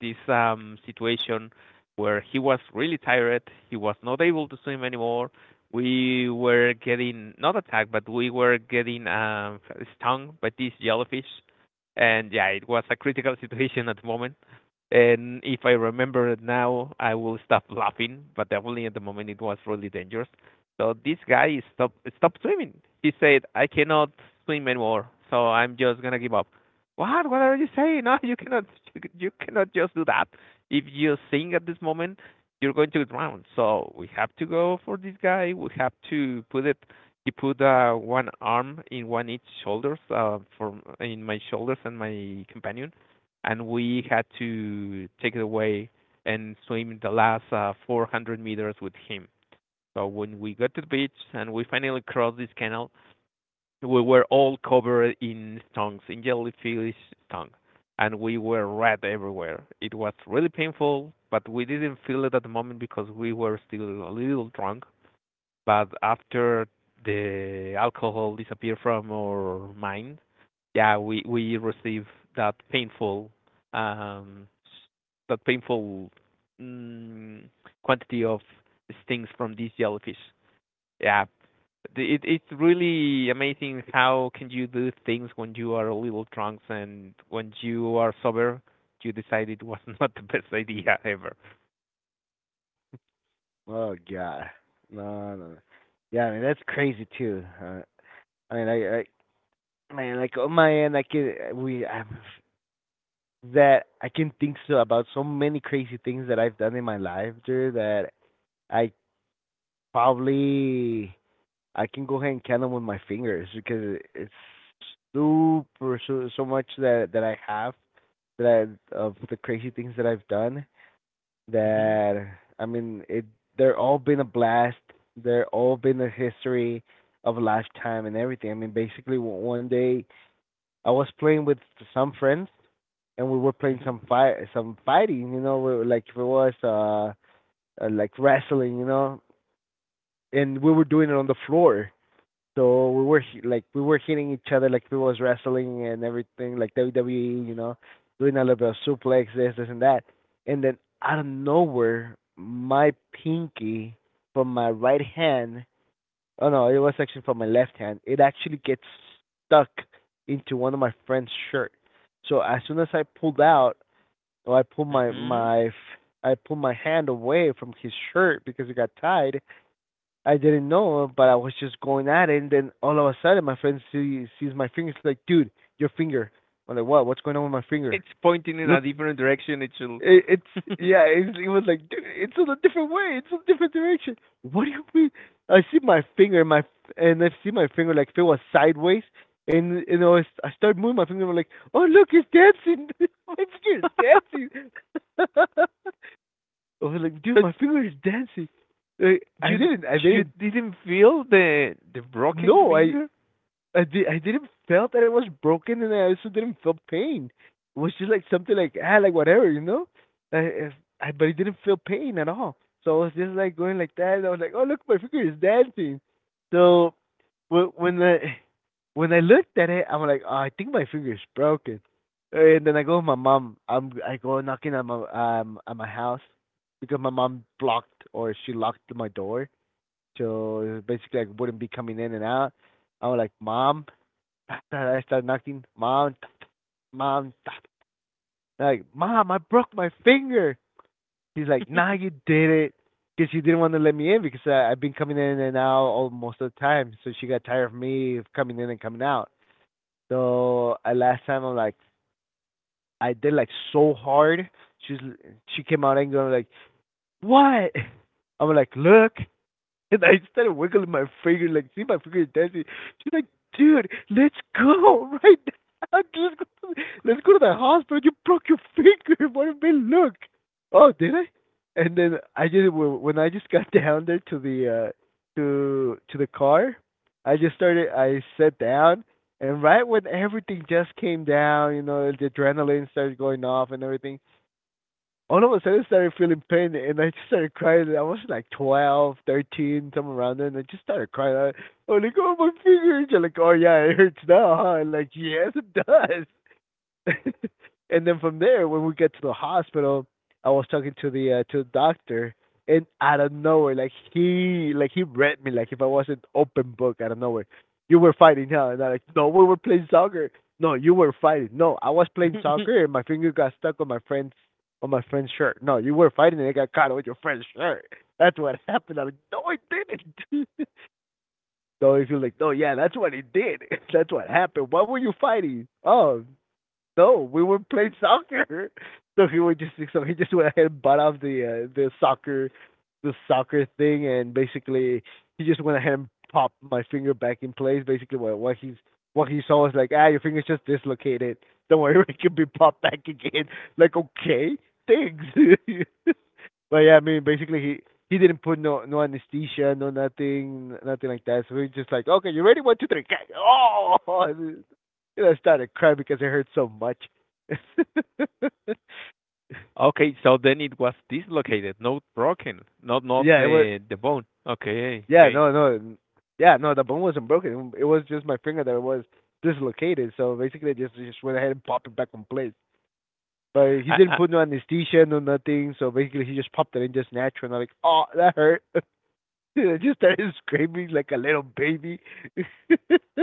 A: this um, situation where he was really tired. He was not able to swim anymore. We were getting not attacked, but we were getting stung by these jellyfish. And yeah, it was a critical situation at the moment. And if I remember it now, I will stop laughing, but definitely at the moment it was really dangerous. So this guy stopped swimming. He said, "I cannot swim anymore, so I'm just gonna give up." What? What are you saying? No, you cannot. You cannot just do that. If you sink at this moment, you're going to drown. So we have to go for this guy. We have to put it. He put one arm in one each shoulders, for in my shoulders and my companion, and we had to take it away and swim the last 400 meters with him. So when we got to the beach and we finally crossed this canal, we were all covered in tongues, in jellyfish tongue, and we were red everywhere. It was really painful, but we didn't feel it at the moment because we were still a little drunk. But after the alcohol disappeared from our mind, yeah, we receive that painful um that painful mm, quantity of stings from these jellyfish. Yeah, it it's really amazing how can you do things when you are a little drunk, and when you are sober, you decide it was not the best idea ever.
B: Oh god. No, no, no. Yeah, I mean that's crazy too. I mean, I, I, man, like on my end, I can we I that I can think about so many crazy things that I've done in my life, dude. That I probably I can go ahead and count them with my fingers because it's super so much that I have of the crazy things that I've done
A: Mhm.
B: that I mean it they're all been a blast. They're all been a history of a lifetime and everything. I mean basically one day I was playing with some friends and we were playing
A: Mhm.
B: some fighting, you know, we were like if it was like wrestling, you know, and we were doing it on the floor. So we were like we were hitting each other like we was wrestling and everything like WWE, you know, doing a little bit of suplex, this, and that. And then out of nowhere, my pinky from my right hand, oh no, it was actually from my left hand, it actually gets stuck into one of my friend's shirt. So as soon as I pulled out, or I pulled
A: Mhm.
B: I pulled my hand away from his shirt because it got tied, I didn't know, but I was just going at it, and then all of a sudden, my sees my fingers like, dude, your finger. I'm like, what? What's going on with my finger?
A: It's pointing in
B: Look,
A: a different direction. It should.
B: it, it's yeah. It was like, dude, it's in a different way. It's a different direction. What do you mean? I see my finger, my and I see my finger like if it was sideways, and you know, I start moving my finger. I'm like, oh look, it's dancing. my finger's dancing. I was like, dude,
A: So
B: my finger is dancing. Like,
A: you
B: I
A: you
B: didn't
A: didn't feel the broken
B: know.
A: finger?
B: I did. I didn't felt that it was broken, and I also didn't feel pain. It was just like something like ah, like whatever, you know. I, I, but I didn't feel pain at all. So I was just like going like that. And I was like, oh look, my finger is dancing. So wh- when I when I looked at it, I'm like, oh, I think my finger is broken. And then I go with my mom. I go knocking at my house because my mom blocked or she locked my door. So basically, I wouldn't be coming in and out. I was like, Mom, I started knocking, mom, mom, like, mom, I broke my finger. She's like, nah, you did it. Because she didn't want to let me in because I've been coming in and out all, most of the time. So she got tired of me coming in and coming out. So last time I'm like, I did like so hard. She's she came out and going like, what? I'm like, look, and I started wiggling my finger, like, see my finger is dancing. She's like, dude, let's go right now. Let's go, let's go to the hospital. You broke your finger. What a big look. Oh, did I? And then I just when I just got down there to the to the car, I just started. I sat down, and right when everything just came down, you know, the adrenaline started going off and everything all of a sudden I started feeling pain and I just started crying. I was like 12, 13, somewhere around there, and I just started crying. I, was like, oh, my fingers. You're like, oh, yeah, it hurts now, huh? I'm like, yes, it does. and then from there, when we get to the hospital, I was talking to the doctor, and out of nowhere, like he read me like if I was an open book out of nowhere. You were fighting, huh? And I'm like, no, we were playing soccer. No, you were fighting. No, I was playing soccer, and my finger got stuck on my friend's shirt. No, you were fighting, and it got caught on your friend's shirt. That's what happened. I'm like, no, it didn't. so if you're like, no, yeah, that's what it did. that's what happened. Why were you fighting? Oh, no, we were playing soccer. So he would just so he just went ahead and bought off the soccer thing and basically he just went ahead and popped my finger back in place. Basically what he saw was like, ah, your finger's just dislocated. Don't worry, it can be popped back again. Like, okay, thanks. But yeah, I mean, basically he didn't put no anesthesia, no nothing, nothing like that. So we just like, okay, you ready? One, two, three. Go. Oh, and then I started crying because it hurt so much. yeah,
A: Okay, so then it was dislocated, not broken, not not
B: it was.
A: the the bone. Okay,
B: Yeah,
A: okay.
B: yeah, no. The bone wasn't broken. It was just my finger that was dislocated. So basically, I just went ahead and popped it back in place. But he didn't
A: I
B: put no anesthesia, no nothing. So basically, he just popped it in just natural. And I'm like, oh, that hurt. I just started screaming like a little baby.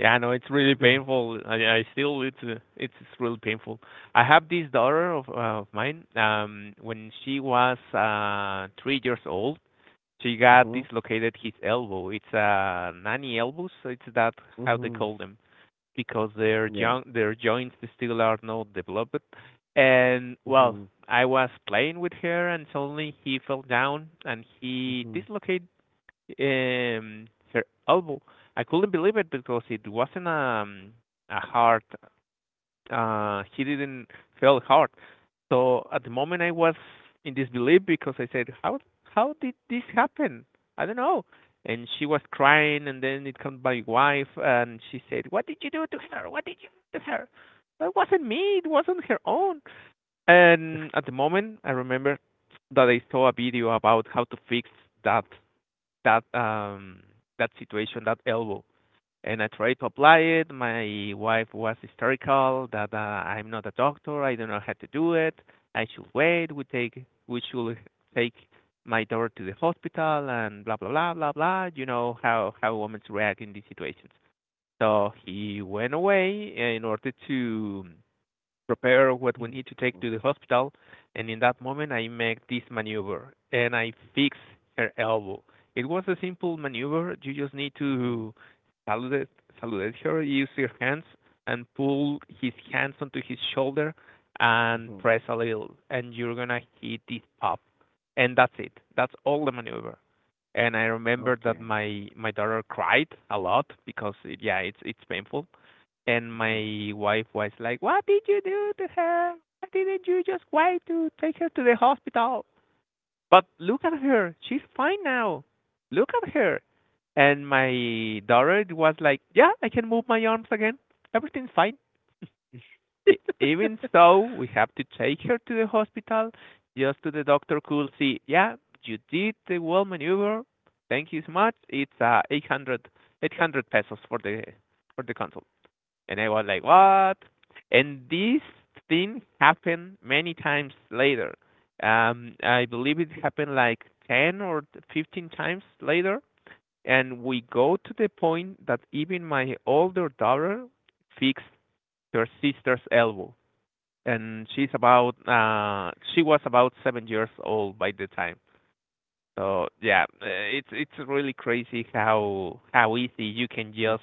A: yeah, no, it's really painful. I still it's really painful. I have this daughter of mine. When she was 3 years old, she got
B: Mhm.
A: dislocated his elbow. It's nanny elbows. So it's that how they
B: Mhm.
A: call them because their joints still are not developed. And well,
B: Mhm.
A: I was playing with her and suddenly he fell down and he dislocated her elbow. I couldn't believe it because it wasn't a hard he didn't fail hard. So at the moment, I was in disbelief because I said, how did this happen? I don't know." And she was crying, and then it comes my wife, and she said, "What did you do to her? What did you do to her?" That wasn't me. It wasn't her own. And at the moment, I remember that I saw a video about how to fix that that um that situation, that elbow, and I tried to apply it. My wife was hysterical that I'm not a doctor. I don't know how to do it. I should wait. We take we should take my daughter to the hospital and blah blah blah blah blah. You know how women react in these situations. So he went away in order to prepare what we need to take to the hospital. And in that moment, I make this maneuver and I fix her elbow. It was a simple maneuver. You just need to salute, salute her, use your hands, and pull his hands onto his shoulder and press a little. And you're going to hit it up. And that's it. That's all the maneuver. And I remember that my daughter cried a lot because it, yeah, it's painful, and my wife was like, "What did you do to her? Why didn't you just wait to take her to the hospital?" But look at her; she's fine now. Look at her. And my daughter was like, "Yeah, I can move my arms again. Everything's fine." E- Even so, we have to take her to the hospital just to the doctor could see. Yeah, you did the well maneuver. Thank you so much. It's 800, 800 pesos for the consult. And I was like, what? And this thing happened many times later. I believe it happened like 10 or 15 times later. And we go to the point that even my older daughter fixed her sister's elbow. And she's about, she was about 7 years old by the time. So yeah, it's really crazy how easy you can just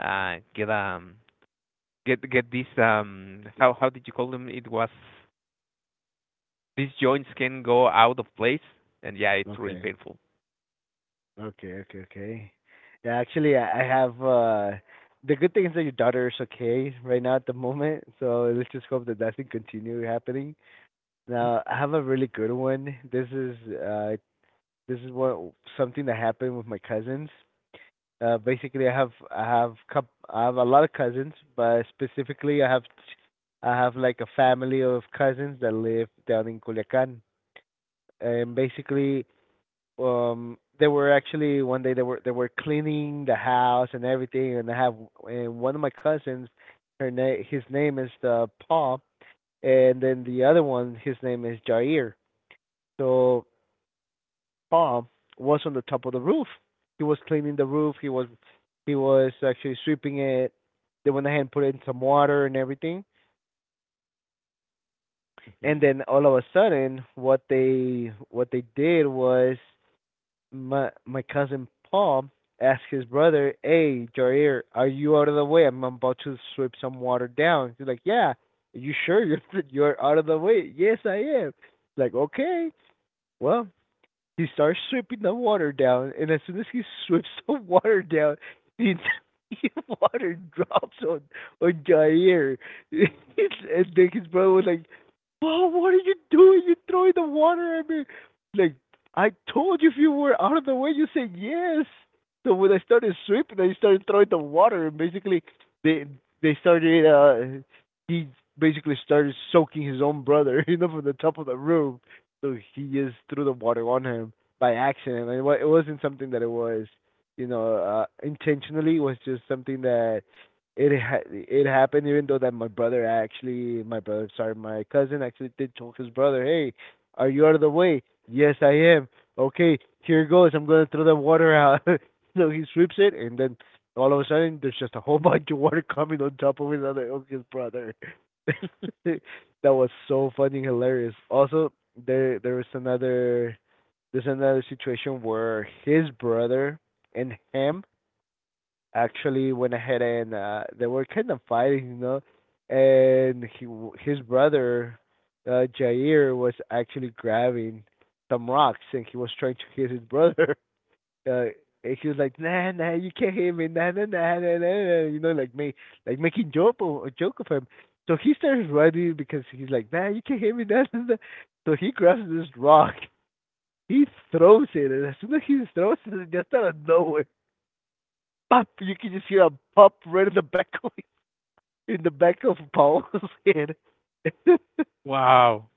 A: uh, get um get these how did you call them? It was these joints can go out of place, and yeah, it's really
B: Okay.
A: painful.
B: Okay. Yeah, actually, I have. The good thing is that your daughter is okay right now at the moment. So let's just hope that that can continue happening. Now, I have a really good one. This is what something that happened with my cousins. Basically, I have a lot of cousins, but specifically I have like a family of cousins that live down in Culiacan, and basically, they were actually one day they were cleaning the house and everything, and I have and one of my cousins, his name is Paul, and then the other one, his name is Jair. So Paul was on the top of the roof. He was cleaning the roof. He was actually sweeping it. They went ahead and put in some water and everything.
A: Hmm.
B: And then all of a sudden what they did was, my cousin Paul asked his brother, "Hey, Jair, are you out of the way? I'm about to sweep some water down." He's like, "Yeah, are you sure you're you're out of the way?" "Yes, I am." Like, "Okay, well, he starts sweeping the water down, and as soon as he sweeps the water down, the entire water drops on Jair." And then his brother was like, "Bro, what are you doing? You're throwing the water at me!" Like, I told you if you were out of the way, you said yes. So when I started sweeping, I started throwing the water, and basically they they started. He basically started soaking his own brother, from the top of the room, so he just threw the water on him by accident, and it wasn't something that it was, intentionally. It was just something that it happened. Even though that my brother actually, my brother, sorry, my cousin actually did choke his brother. Hey, are you out of the way? Yes, I am. Okay, here goes. I'm gonna throw the water out. So he sweeps it, and then all of a sudden, there's just a whole bunch of water coming on top of his other of his brother. It that was so funny and hilarious. Also, there there was another there's another situation where his brother and him actually went ahead and they were kind of fighting, and he his brother Jair was actually grabbing some rocks and he was trying to hit his brother. uh and she was like, nah, nah, you can't hear me, nah, nah, nah, nah, nah, nah, like me, like making joke or joke of him. So he starts running because he's like, nah, you can't hear me, nah, nah, nah. So he grabs this rock, he throws it, and as soon as he throws it, just out of nowhere, pop, you can just hear a pop right in the back of Paul's head.
A: Wow.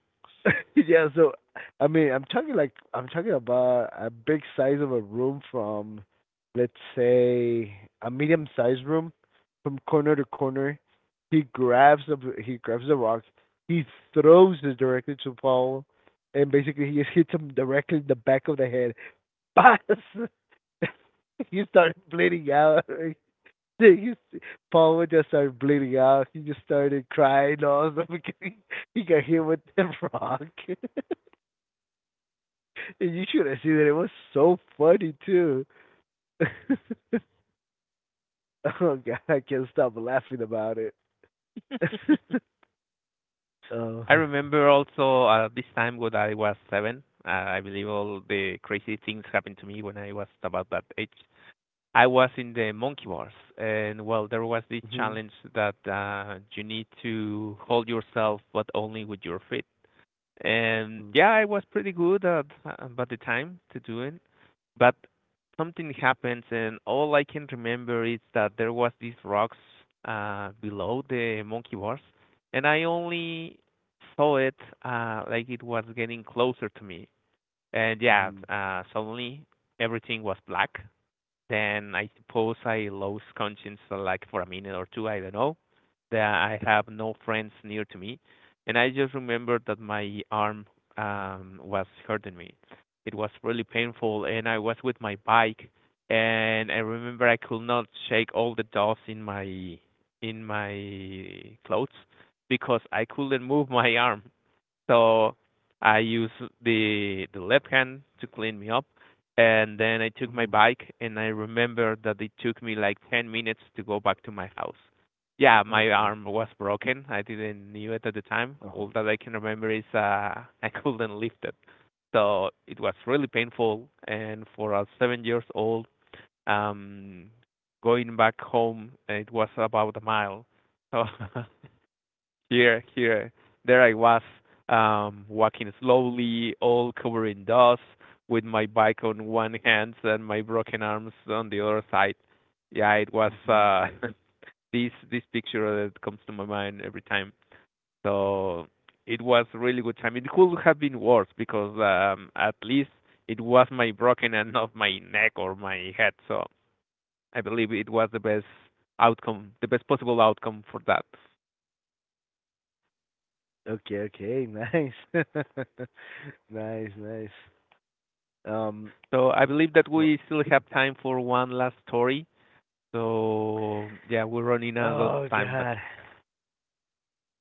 B: Yeah, so I mean, I'm talking about a big size of a room from, let's say, a medium sized room from corner to corner. He grabs the he grabs the rock, he throws it directly to Paul, and basically he just hits him directly in the back of the head. Pass. He started bleeding out. You see, Paul would just started bleeding out. He just started crying all the beginning. He got hit with the rock. And you should have seen it. It was so funny too. Oh god, I can't stop laughing about it. Oh.
A: I remember also this time when I was seven. I believe all the crazy things happened to me when I was about that age. I was in the monkey bars, and well, there was this
B: Mhm,
A: challenge that you need to hold yourself, but only with your feet. And
B: mhm.
A: yeah, I was pretty good at the time to do it, but something happens, and all I can remember is that there was these rocks below the monkey bars, and I only saw it like it was getting closer to me. And yeah, suddenly everything was black, then I suppose I lost conscience for like for a minute or two, I don't know. That I have no friends near to me. And I just remembered that my arm was hurting me. It was really painful, and I was with my bike, and I remember I could not shake all the dust in my clothes because I couldn't move my arm. So I used the left hand to clean me up, and then I took my bike. And I remember that it took me like 10 minutes to go back to my house. Yeah, my
B: Okay.
A: arm was broken. I didn't knew it at the time. All
B: Oh.
A: that I can remember is I couldn't lift it. So it was really painful. And for a 7 years old, um, going back home, it was about a mile. So here, here, there I was, walking slowly, all covered in dust, with my bike on one hand and my broken arms on the other side. Yeah, it was
B: Mm.
A: this picture that comes to my mind every time. So it was really good time. It could have been worse because at least it was my broken and not my neck or my head. So I believe it was the best outcome, the best possible outcome for that.
B: Okay, okay. Nice. Nice, nice. Um
A: So I believe that
B: wha-
A: we still have time for one last story. So yeah, we're running out of
B: oh
A: time, but
B: god.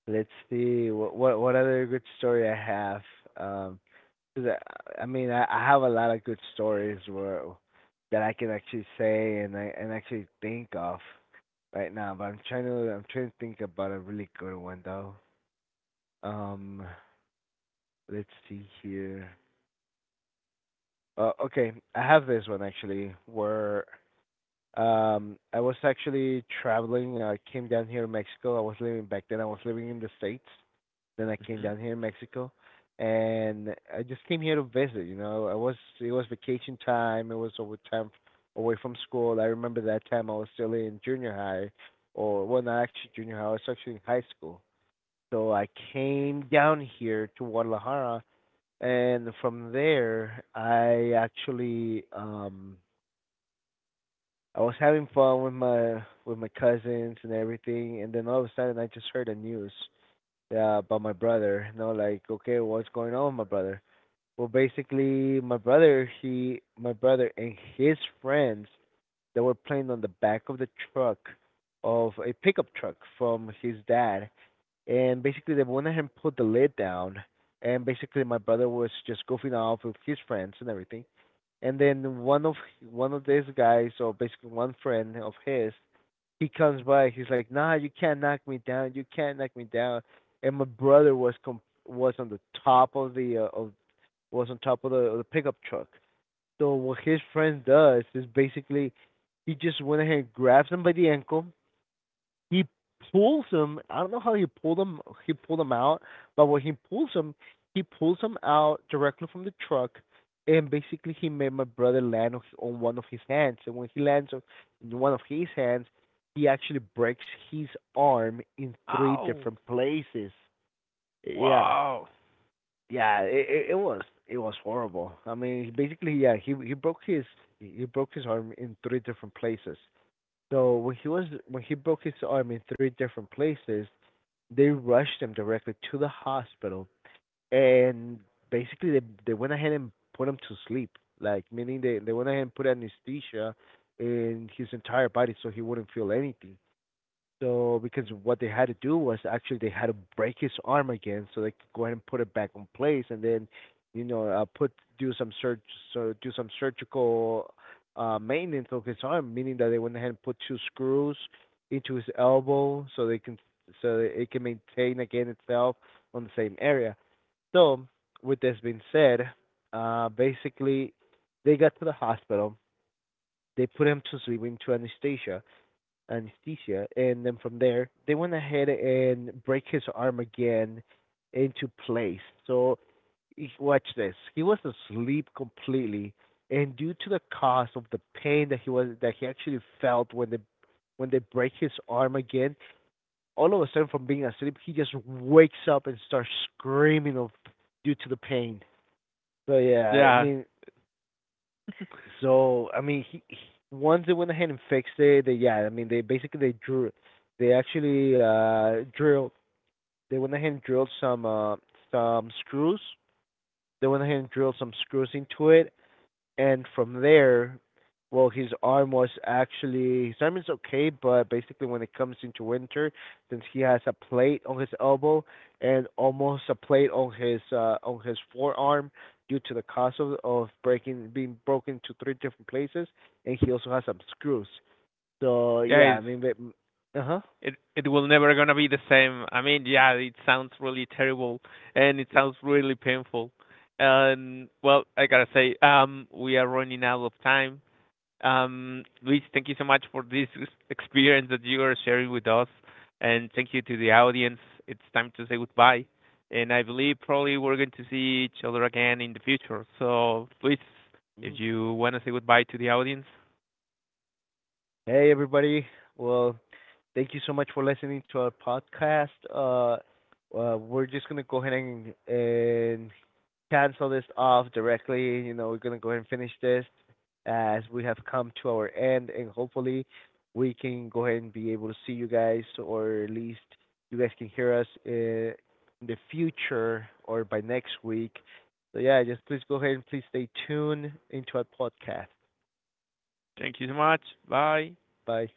B: Let's see what other good story I have. Um Cause I mean, I have a lot of good stories where that I can actually say and I and actually think of right now. But I'm trying to think about a really good one though. Um, let's see here. Okay, I have this one actually where I was actually traveling. I came down here to Mexico. I was living back then. I was living in the states. Then I came
A: hmm
B: down here in Mexico, and I just came here to visit. You know, I was it was vacation time. It was over time away from school. I remember that time I was still in junior high, or well, not actually junior high. I was actually in high school. So I came down here to Guadalajara, and from there I actually I was having fun with my cousins and everything, and then all of a sudden I just heard the news. Yeah, about my brother. No, like, okay, what's going on with my brother? Well, basically, my brother and his friends, they were playing on the back of the truck of a pickup truck from his dad, and basically they went ahead and put the lid down, and basically my brother was just goofing off with his friends and everything, and then one of these guys, or basically one friend of his, he comes by, he's like, nah, you can't knock me down, you can't knock me down. And my brother was com- was on the top of the of was on top of of the pickup truck. So what his friend does is basically he just went ahead and grabbed him by the ankle. He pulls him. I don't know how he pulled him. He pulled him out, but when he pulls him out directly from the truck, and basically he made my brother land on one of his hands. And when he lands on one of his hands, he actually breaks his arm in three
A: oh
B: different places. Yeah,
A: wow,
B: yeah, it was horrible. I mean, basically, yeah, he broke his arm in three different places. So when he broke his arm in three different places, they rushed him directly to the hospital, and basically they went ahead and put him to sleep, like meaning they went ahead and put anesthesia in his entire body so he wouldn't feel anything. So because what they had to do was actually they had to break his arm again, so they could go ahead and put it back in place, and then you know put do some surg so do some surgical maintenance of his arm, meaning that they went ahead and put two screws into his elbow so they can so that it can maintain again itself on the same area. So, with this being said, basically they got to the hospital, they put him to sleep into anesthesia, and then from there they went ahead and break his arm again into place. So watch this. He was asleep completely, and due to the cause of the pain that he was that he actually felt when they break his arm again, all of a sudden from being asleep, he just wakes up and starts screaming of due to the pain. So yeah, I
A: yeah,
B: mean, so I mean, he once they went ahead and fixed it, they yeah, I mean, they basically they drew, they actually drilled, they went ahead and drilled some screws. They went ahead and drilled some screws into it, and from there, well, his arm is okay, but basically when it comes into winter, since he has a plate on his elbow and almost a plate on his forearm due to the cause of breaking being broken to three different places, and he also has some screws. So
A: yeah,
B: yeah, I
A: it's,
B: mean, uh huh.
A: it will never gonna be the same. I mean, yeah, it sounds really terrible, and it sounds really painful. And well, I gotta say, we are running out of time. Luis, thank you so much for this experience that you are sharing with us, and thank you to the audience. It's time to say goodbye, and I believe probably we're going to see each other again in the future. So, Luis, if you want to say goodbye to the audience,
B: Hey everybody, well, thank you so much for listening to our podcast. We're just gonna go ahead and cancel this off directly. You know, we're gonna go ahead and finish this as we have come to our end, and hopefully we can go ahead and be able to see you guys, or at least you guys can hear us in the future or by next week. So yeah, just please go ahead and please stay tuned into our podcast.
A: thank you so much. Bye.
B: Bye.